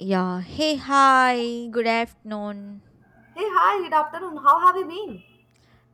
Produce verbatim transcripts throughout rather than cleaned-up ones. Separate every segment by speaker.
Speaker 1: Yeah. Hey, hi. Good afternoon.
Speaker 2: Hey, hi, good afternoon. How have you been?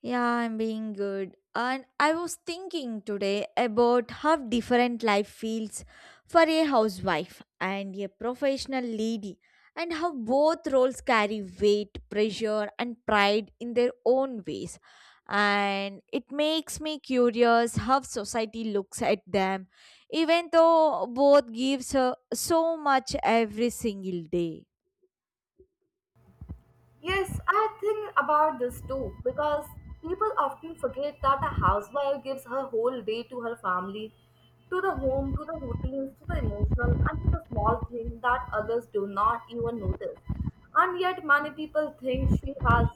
Speaker 1: Yeah, I'm being good. And I was thinking today about how different life feels for a housewife and a professional lady, and how both roles carry weight, pressure, and pride in their own ways. And it makes me curious how society looks at them, even though both gives uh, so much every single day.
Speaker 2: Yes, I think about this too because people often forget that a housewife gives her whole day to her family, to the home, to the routines, to the emotional, and to the small things that others do not even notice. And yet, many people think she has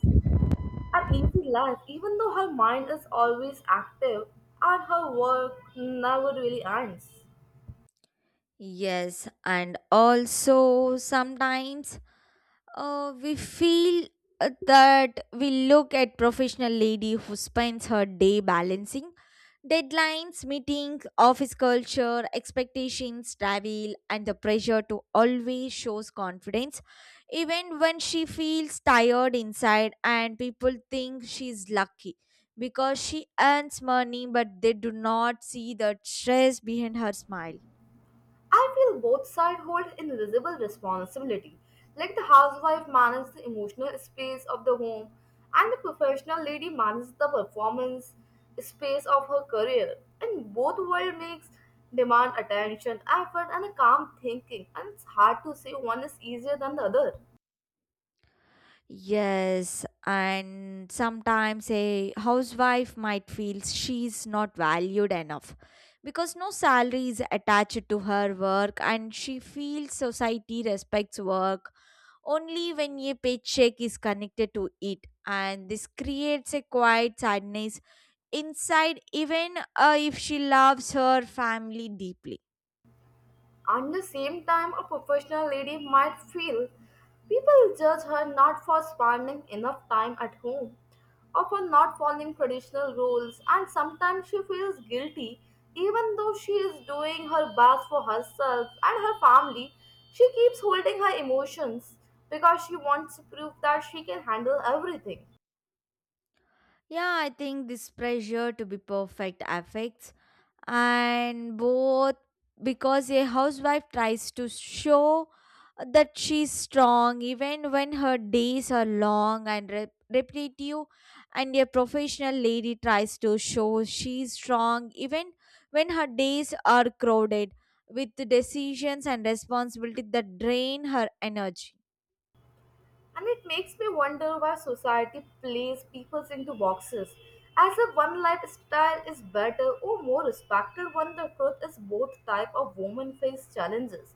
Speaker 2: an easy life, even though her mind is always active and her work never really ends.
Speaker 1: Yes, and also sometimes uh, we feel uh, that we look at professional lady who spends her day balancing deadlines, meetings, office culture, expectations, travel, and the pressure to always shows confidence, even when she feels tired inside, and people think she's lucky because she earns money, but they do not see the stress behind her smile.
Speaker 2: I feel both sides hold invisible responsibility, like the housewife manages the emotional space of the home and the professional lady manages the performance space of her career. And both world makes demand attention, effort and a calm thinking and it's hard to say one is easier than the other.
Speaker 1: Yes, and sometimes a housewife might feel she's not valued enough because no salary is attached to her work and she feels society respects work only when a paycheck is connected to it, and this creates a quiet sadness inside even uh, if she loves her family deeply.
Speaker 2: And the same time, a professional lady might feel people judge her not for spending enough time at home or for not following traditional rules, and sometimes she feels guilty even though she is doing her best for herself and her family. She keeps holding her emotions because she wants to prove that she can handle everything.
Speaker 1: Yeah, I think this pressure to be perfect affects and both, because a housewife tries to show that she's strong even when her days are long and rep- repetitive, and a professional lady tries to show she's strong even when her days are crowded with decisions and responsibility that drain her energy.
Speaker 2: And it makes me wonder why society places people into boxes, as if one lifestyle is better or more respected when the truth is both type of women face challenges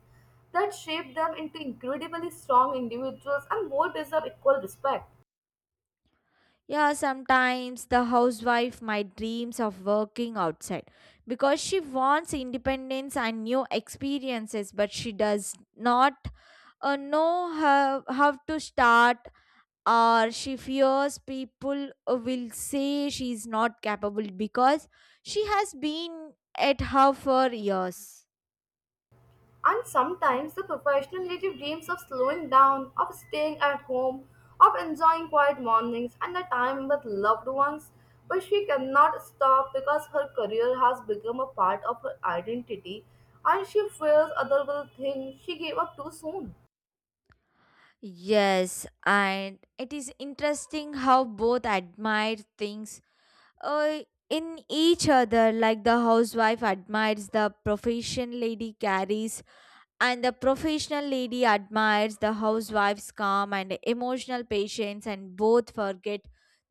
Speaker 2: that shape them into incredibly strong individuals and both deserve equal respect.
Speaker 1: Yeah, sometimes the housewife might dreams of working outside because she wants independence and new experiences, but she does not uh, know how, how to start, or she fears people uh, will say she is not capable because she has been at her for years.
Speaker 2: And sometimes the professional native dreams of slowing down, of staying at home, of enjoying quiet mornings and the time with loved ones. But she cannot stop because her career has become a part of her identity and she fears others will think she gave up too soon.
Speaker 1: Yes, and it is interesting how both admire things uh, in each other, like the housewife admires the profession lady carries and the professional lady admires the housewife's calm and emotional patience, and both forget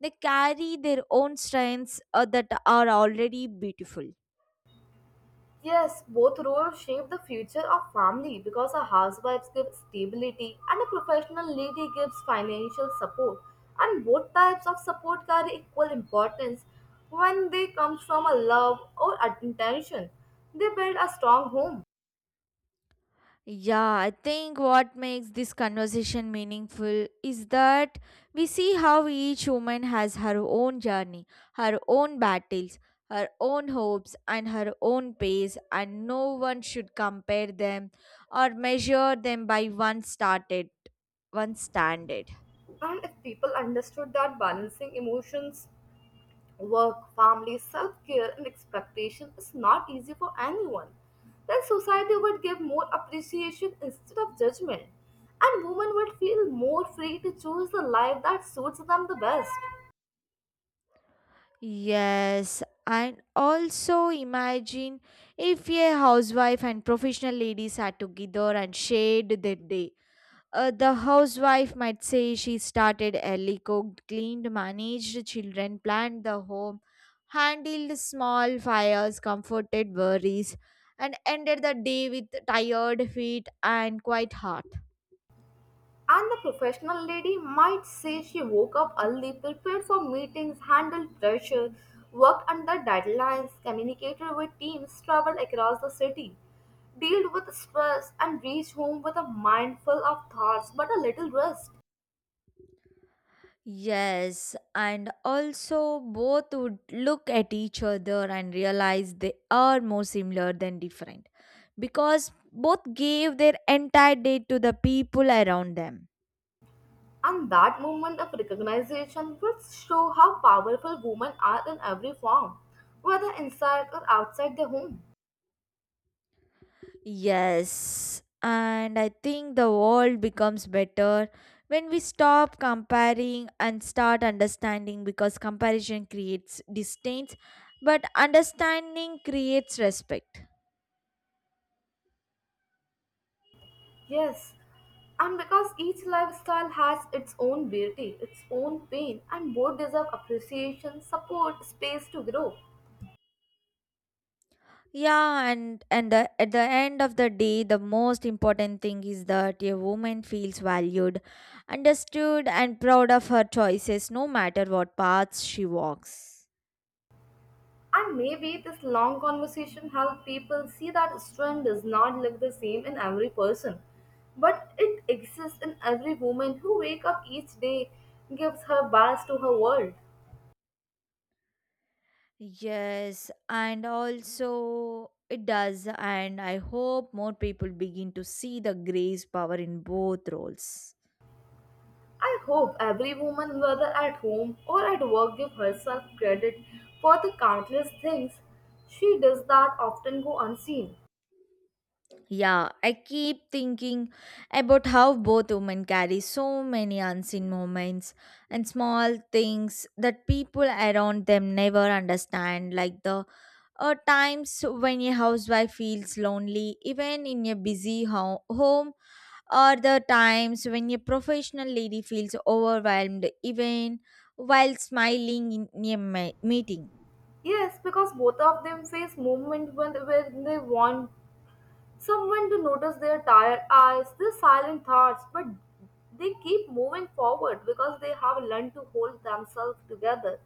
Speaker 1: they carry their own strengths uh, that are already beautiful.
Speaker 2: Yes, both roles shape the future of family because a housewife gives stability and a professional lady gives financial support. And both types of support carry equal importance when they come from a love or intention. They build a strong home.
Speaker 1: Yeah, I think what makes this conversation meaningful is that we see how each woman has her own journey, her own battles, her own hopes, and her own pace, and no one should compare them or measure them by one started, one standard.
Speaker 2: And if people understood that balancing emotions, work, family, self care, and expectation is not easy for anyone, then society would give more appreciation instead of judgment, and women would feel more free to choose the life that suits them the best.
Speaker 1: Yes, and also imagine if a housewife and professional ladies are together and shared their day. Uh, the housewife might say she started early, cooked, cleaned, managed children, planned the home, handled small fires, comforted worries, and ended the day with tired feet and quiet heart.
Speaker 2: And the professional lady might say she woke up early, prepared for meetings, handled pressure, worked under deadlines, communicated with teams, traveled across the city, dealt with stress and reached home with a mind full of thoughts but a little rest.
Speaker 1: Yes, and also both would look at each other and realize they are more similar than different because both gave their entire day to the people around them.
Speaker 2: And that movement of recognition will show how powerful women are in every form, whether inside or outside the home.
Speaker 1: Yes, and I think the world becomes better when we stop comparing and start understanding, because comparison creates distance, but understanding creates respect.
Speaker 2: Yes, and because each lifestyle has its own beauty, its own pain, and both deserve appreciation, support, space to grow.
Speaker 1: Yeah, and and the, at the end of the day, the most important thing is that a woman feels valued, understood, and proud of her choices, no matter what paths she walks.
Speaker 2: And maybe this long conversation helped people see that strength does not look the same in every person, but it exists in every woman who wakes up each day, gives her best to her world.
Speaker 1: Yes, and also it does, and I hope more people begin to see the grace power in both roles.
Speaker 2: I hope every woman, whether at home or at work, give herself credit for the countless things she does that often go unseen.
Speaker 1: Yeah, I keep thinking about how both women carry so many unseen moments and small things that people around them never understand, like the uh, times when a housewife feels lonely, even in a busy ho- home, or the times when a professional lady feels overwhelmed even while smiling in a ma- meeting.
Speaker 2: Yes, because both of them face moments when, when they want someone to notice their tired eyes, their silent thoughts, but they keep moving forward because they have learned to hold themselves together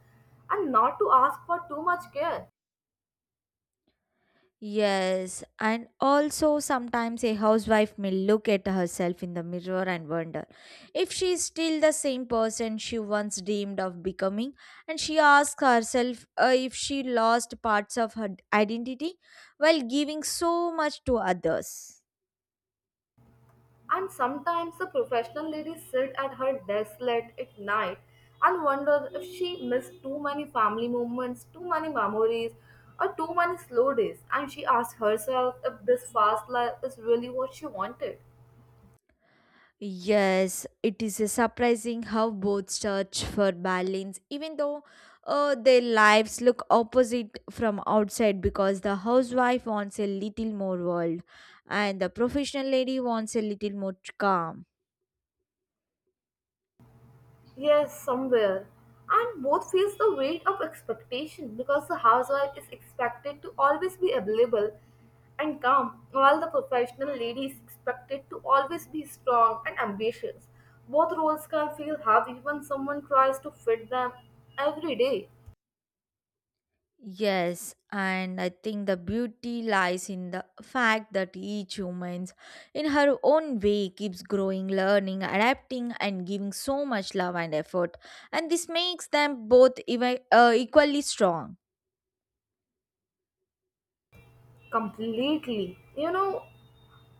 Speaker 2: and not to ask for too much care.
Speaker 1: Yes, and also sometimes a housewife may look at herself in the mirror and wonder if she is still the same person she once dreamed of becoming, and she asks herself uh, if she lost parts of her identity while giving so much to others.
Speaker 2: And sometimes the professional ladies sit at her desk late at night and wonder if she missed too many family moments, too many memories, or too many slow days. And she asks herself if this fast life is really what she wanted.
Speaker 1: Yes, it is a surprising how both search for balance, even though uh, their lives look opposite from outside, because the housewife wants a little more world and the professional lady wants a little more calm.
Speaker 2: Yes, somewhere. And both feels the weight of expectation because the housewife is expected to always be available and calm, while the professional lady is expected to always be strong and ambitious. Both roles can feel heavy when someone tries to fit them every day
Speaker 1: Yes, and I think the beauty lies in the fact that each human, in her own way, keeps growing, learning, adapting, and giving so much love and effort. And this makes them both even, uh, equally strong.
Speaker 2: completely. You know,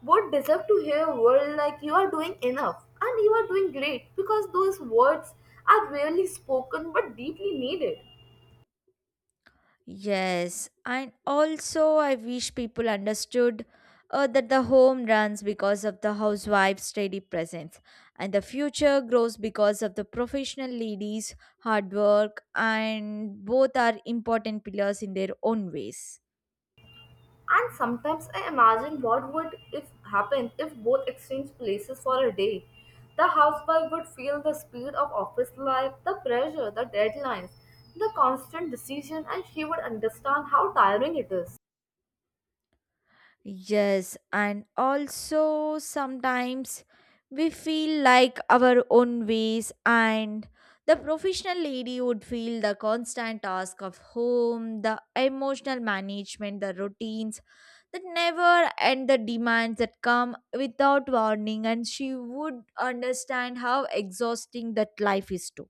Speaker 2: would deserve to hear a word like you are doing enough and you are doing great because those words are rarely spoken but deeply needed.
Speaker 1: Yes, and also I wish people understood uh, that the home runs because of the housewife's steady presence, and the future grows because of the professional ladies' hard work, and both are important pillars in their own ways.
Speaker 2: And sometimes I imagine what would if happen if both exchanged places for a day. The housewife would feel the speed of office life, the pressure, the deadlines, the constant decision, and she would understand how tiring it is.
Speaker 1: Yes, and also sometimes we feel like our own ways, and the professional lady would feel the constant task of home, the emotional management, the routines that never end, the demands that come without warning, and she would understand how exhausting that life is too.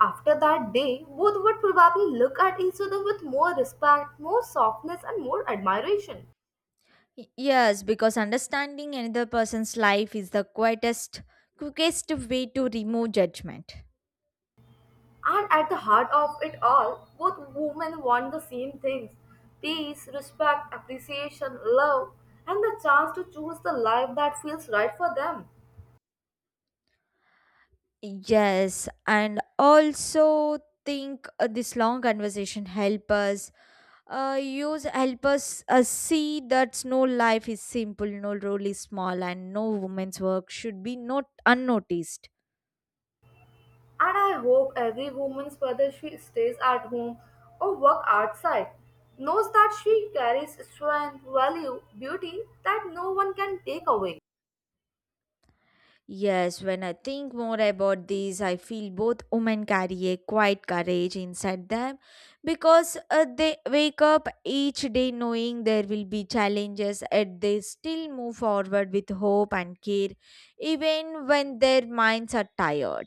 Speaker 2: After that day, both would probably look at each other with more respect, more softness, and more admiration.
Speaker 1: Y- Yes, because understanding another person's life is the quietest, quickest way to remove judgment.
Speaker 2: And at the heart of it all, both women want the same things: peace, respect, appreciation, love, and the chance to choose the life that feels right for them.
Speaker 1: Yes, and also think uh, this long conversation help us uh, use help us uh, see that no life is simple, no role is small, and no woman's work should be not unnoticed.
Speaker 2: And I hope every woman, whether she stays at home or work outside, knows that she carries strength, value, beauty that no one can take away.
Speaker 1: Yes, when I think more about these, I feel both women carry a quiet courage inside them because uh, they wake up each day knowing there will be challenges, and they still move forward with hope and care, even when their minds are tired.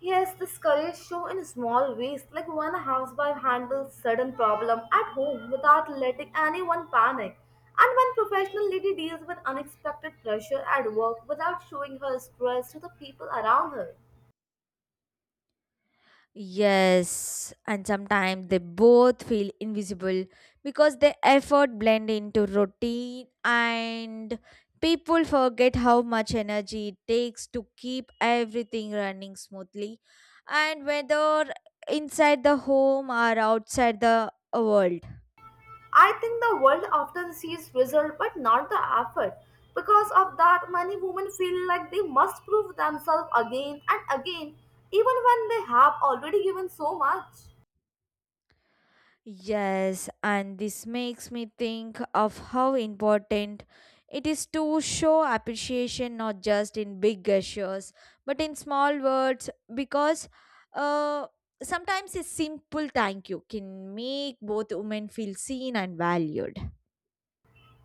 Speaker 2: Yes, this courage show in small ways, like when a housewife handles sudden problem at home without letting anyone panic, and when professional lady deals with unexpected pressure at work without showing her stress to the people around her.
Speaker 1: Yes, and sometimes they both feel invisible because their effort blend into routine and people forget how much energy it takes to keep everything running smoothly, and whether inside the home or outside the world.
Speaker 2: I think the world often sees result but not the effort. Because of that, many women feel like they must prove themselves again and again, even when they have already given so much.
Speaker 1: Yes, and this makes me think of how important it is to show appreciation not just in big gestures but in small words, because uh, sometimes a simple thank you can make both women feel seen and valued.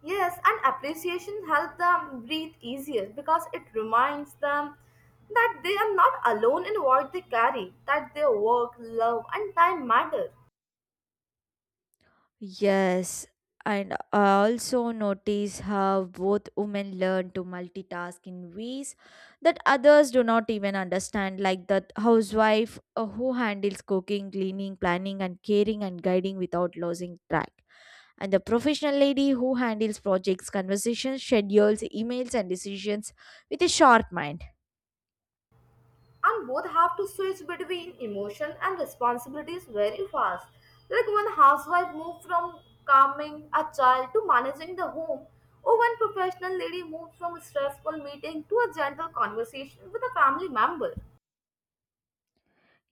Speaker 2: Yes, and appreciation helps them breathe easier because it reminds them that they are not alone in what they carry, that their work, love, and time matter.
Speaker 1: Yes, and I also notice how both women learn to multitask in ways that others do not even understand, like that housewife uh, who handles cooking, cleaning, planning, and caring and guiding without losing track, and the professional lady who handles projects, conversations, schedules, emails, and decisions with a sharp mind.
Speaker 2: And both have to switch between emotion and responsibilities very fast. Like when housewife move from calming a child to managing the home, or when professional lady moves from a stressful meeting to a gentle conversation with a family member.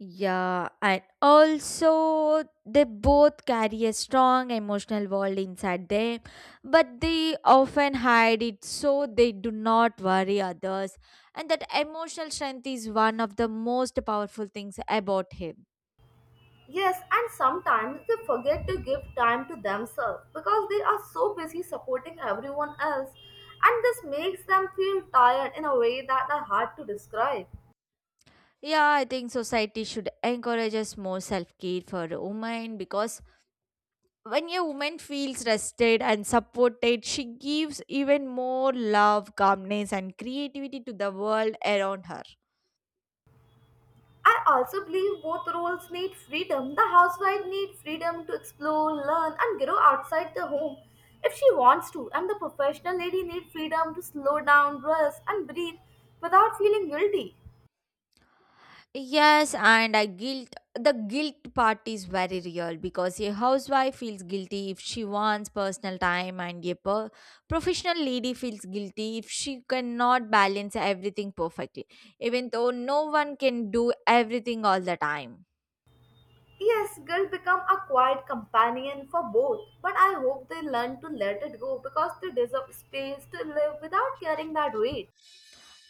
Speaker 1: Yeah, and also they both carry a strong emotional world inside them, but they often hide it so they do not worry others. And that emotional strength is one of the most powerful things about him.
Speaker 2: Yes, and sometimes they forget to give time to themselves because they are so busy supporting everyone else, and this makes them feel tired in a way that are hard to describe.
Speaker 1: Yeah, I think society should encourage us more self care for women, because when a woman feels rested and supported, she gives even more love, calmness, and creativity to the world around her.
Speaker 2: I also believe both roles need freedom. The housewife needs freedom to explore, learn, and grow outside the home if she wants to, and the professional lady needs freedom to slow down, rest, and breathe without feeling guilty.
Speaker 1: Yes, and I guilt the guilt part is very real because a housewife feels guilty if she wants personal time, and a per- professional lady feels guilty if she cannot balance everything perfectly, even though no one can do everything all the time.
Speaker 2: Yes, guilt become a quiet companion for both, but I hope they learn to let it go because they deserve space to live without carrying that weight.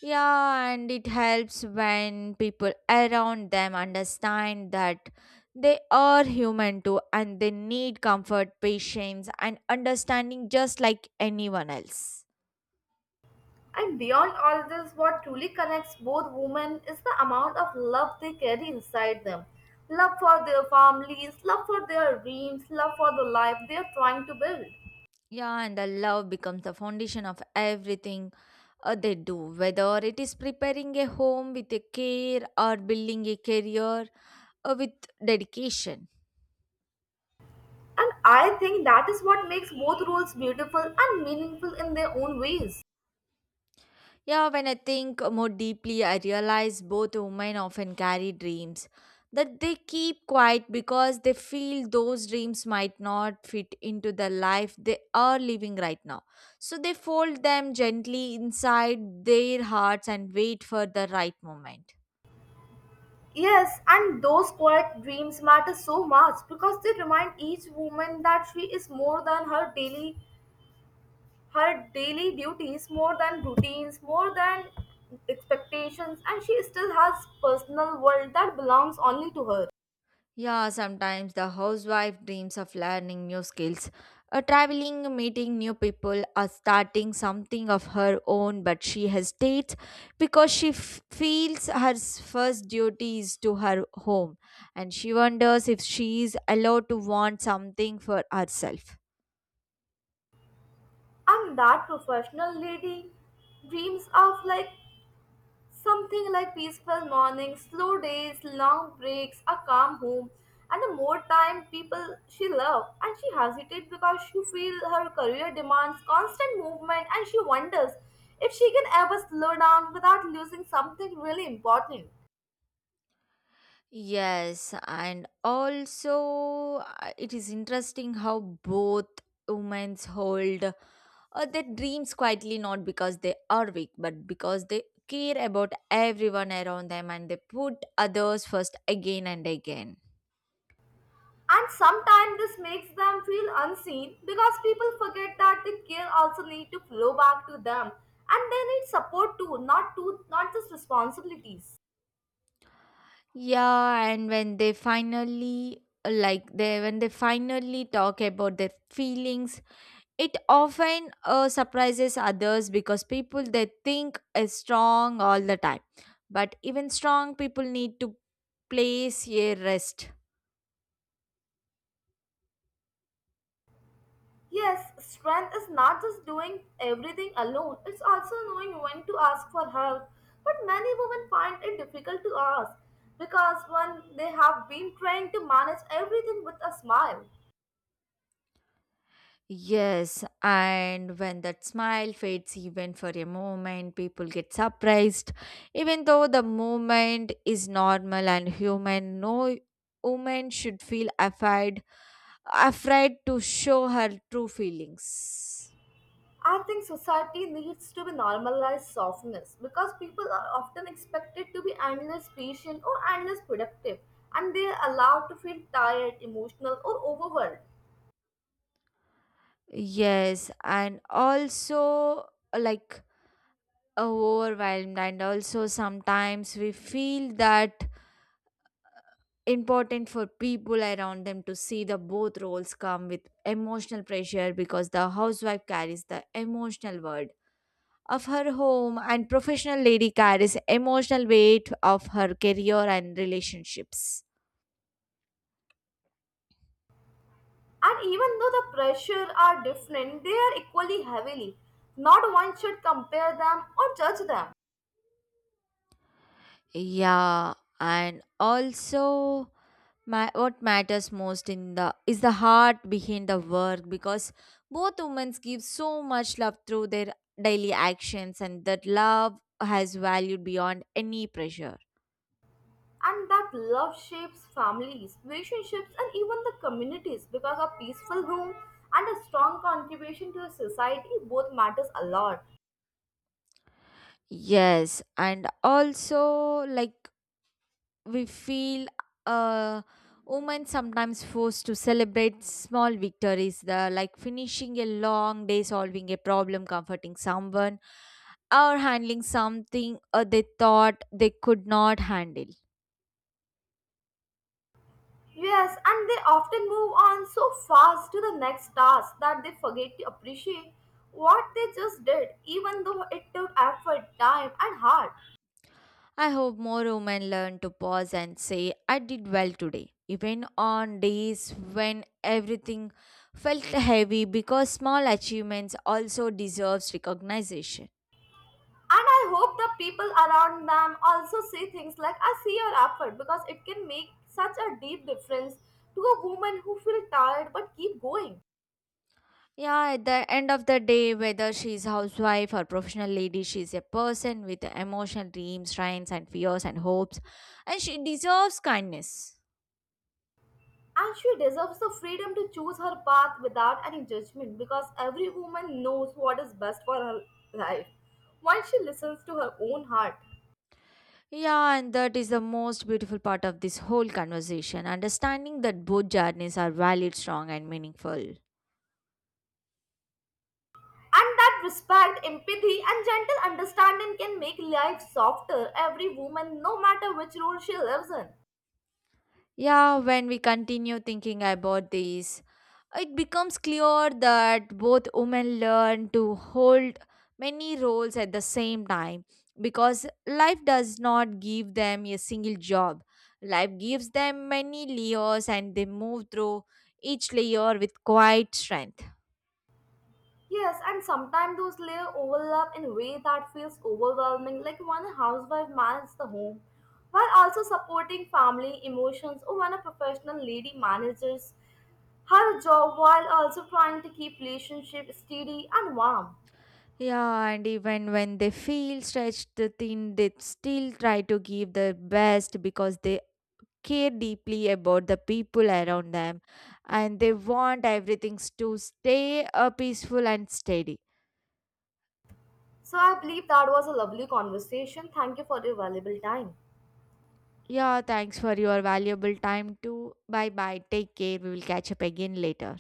Speaker 1: Yeah, and it helps when people around them understand that they are human too and they need comfort, patience, and understanding just like anyone else.
Speaker 2: And beyond all this, what truly connects both women is the amount of love they carry inside them. Love for their families, love for their dreams, love for the life they are trying to build.
Speaker 1: Yeah, and the love becomes the foundation of everything uh, they do, whether it is preparing a home with a care or building a career uh, with dedication.
Speaker 2: And I think that is what makes both roles beautiful and meaningful in their own ways.
Speaker 1: Yeah, when I think more deeply, I realize both women often carry dreams that they keep quiet because they feel those dreams might not fit into the life they are living right now. So they fold them gently inside their hearts and wait for the right moment.
Speaker 2: Yes, and those quiet dreams matter so much because they remind each woman that she is more than her daily her daily duties, more than routines, more than expectations, and she still has personal world that belongs only to her.
Speaker 1: Yeah, sometimes the housewife dreams of learning new skills, uh, traveling, meeting new people, or starting something of her own, but she hesitates because she f- feels her s- first duty is to her home and she wonders if she is allowed to want something for herself.
Speaker 2: And that professional lady dreams of like something like peaceful mornings, slow days, long breaks, a calm home, and a more time people she loved. And she hesitates because she feels her career demands constant movement and she wonders if she can ever slow down without losing something really important.
Speaker 1: Yes, and also uh, it is interesting how both women hold uh, their dreams quietly, not because they are weak, but because they care about everyone around them and they put others first again and again.
Speaker 2: And sometimes this makes them feel unseen because people forget that the care also need to flow back to them and they need support too, not to not just responsibilities.
Speaker 1: Yeah, and when they finally like they when they finally talk about their feelings. It often uh, surprises others because people they think is strong all the time. But even strong people need to place a rest.
Speaker 2: Yes, strength is not just doing everything alone, it's also knowing when to ask for help. But many women find it difficult to ask because when they have been trained to manage everything with a smile.
Speaker 1: Yes, and when that smile fades even for a moment, people get surprised. Even though the moment is normal and human, no woman should feel afraid afraid to show her true feelings.
Speaker 2: I think society needs to be normalized softness because people are often expected to be endless patient or endless productive and they are allowed to feel tired, emotional, or overwhelmed.
Speaker 1: Yes, and also like overwhelmed, and also sometimes we feel that important for people around them to see the both roles come with emotional pressure, because the housewife carries the emotional world of her home and professional lady carries emotional weight of her career and relationships.
Speaker 2: And even though the pressure are different, they are equally heavily. Not one should compare them or judge them.
Speaker 1: Yeah, and also ma- what matters most in the is the heart behind the work, because both women give so much love through their daily actions, and that love has value beyond any pressure.
Speaker 2: And that love shapes families, relationships, and even the communities because a peaceful home and a strong contribution to the society both matters a lot.
Speaker 1: Yes, and also like we feel uh women sometimes forced to celebrate small victories, the like finishing a long day, solving a problem, comforting someone, or handling something uh, they thought they could not handle.
Speaker 2: Yes, and they often move on so fast to the next task that they forget to appreciate what they just did, even though it took effort, time, and heart.
Speaker 1: I hope more women learn to pause and say, I did well today, even on days when everything felt heavy, because small achievements also deserves recognition.
Speaker 2: And I hope the people around them also see things like I see your effort because it can make such a deep difference to a woman who feels tired but keep going.
Speaker 1: Yeah, at the end of the day, whether she's housewife or professional lady, she's a person with emotional dreams, strengths and fears and hopes, and she deserves kindness.
Speaker 2: And she deserves the freedom to choose her path without any judgment because every woman knows what is best for her life once she listens to her own heart.
Speaker 1: Yeah, and that is the most beautiful part of this whole conversation, understanding that both journeys are valid, strong and meaningful.
Speaker 2: And that respect, empathy, and gentle understanding can make life softer every woman, no matter which role she lives in.
Speaker 1: Yeah, when we continue thinking about this, it becomes clear that both women learn to hold many roles at the same time, because life does not give them a single job. Life gives them many layers and they move through each layer with quiet strength.
Speaker 2: Yes, and sometimes those layers overlap in a way that feels overwhelming, like when a housewife manages the home, while also supporting family emotions, or when a professional lady manages her job while also trying to keep relationship steady and warm.
Speaker 1: Yeah, and even when they feel stretched thin, they still try to give their best because they care deeply about the people around them and they want everything to stay uh, peaceful and steady.
Speaker 2: So I believe that was a lovely conversation. Thank you for your valuable time.
Speaker 1: Yeah, thanks for your valuable time too. Bye bye. Take care. We will catch up again later.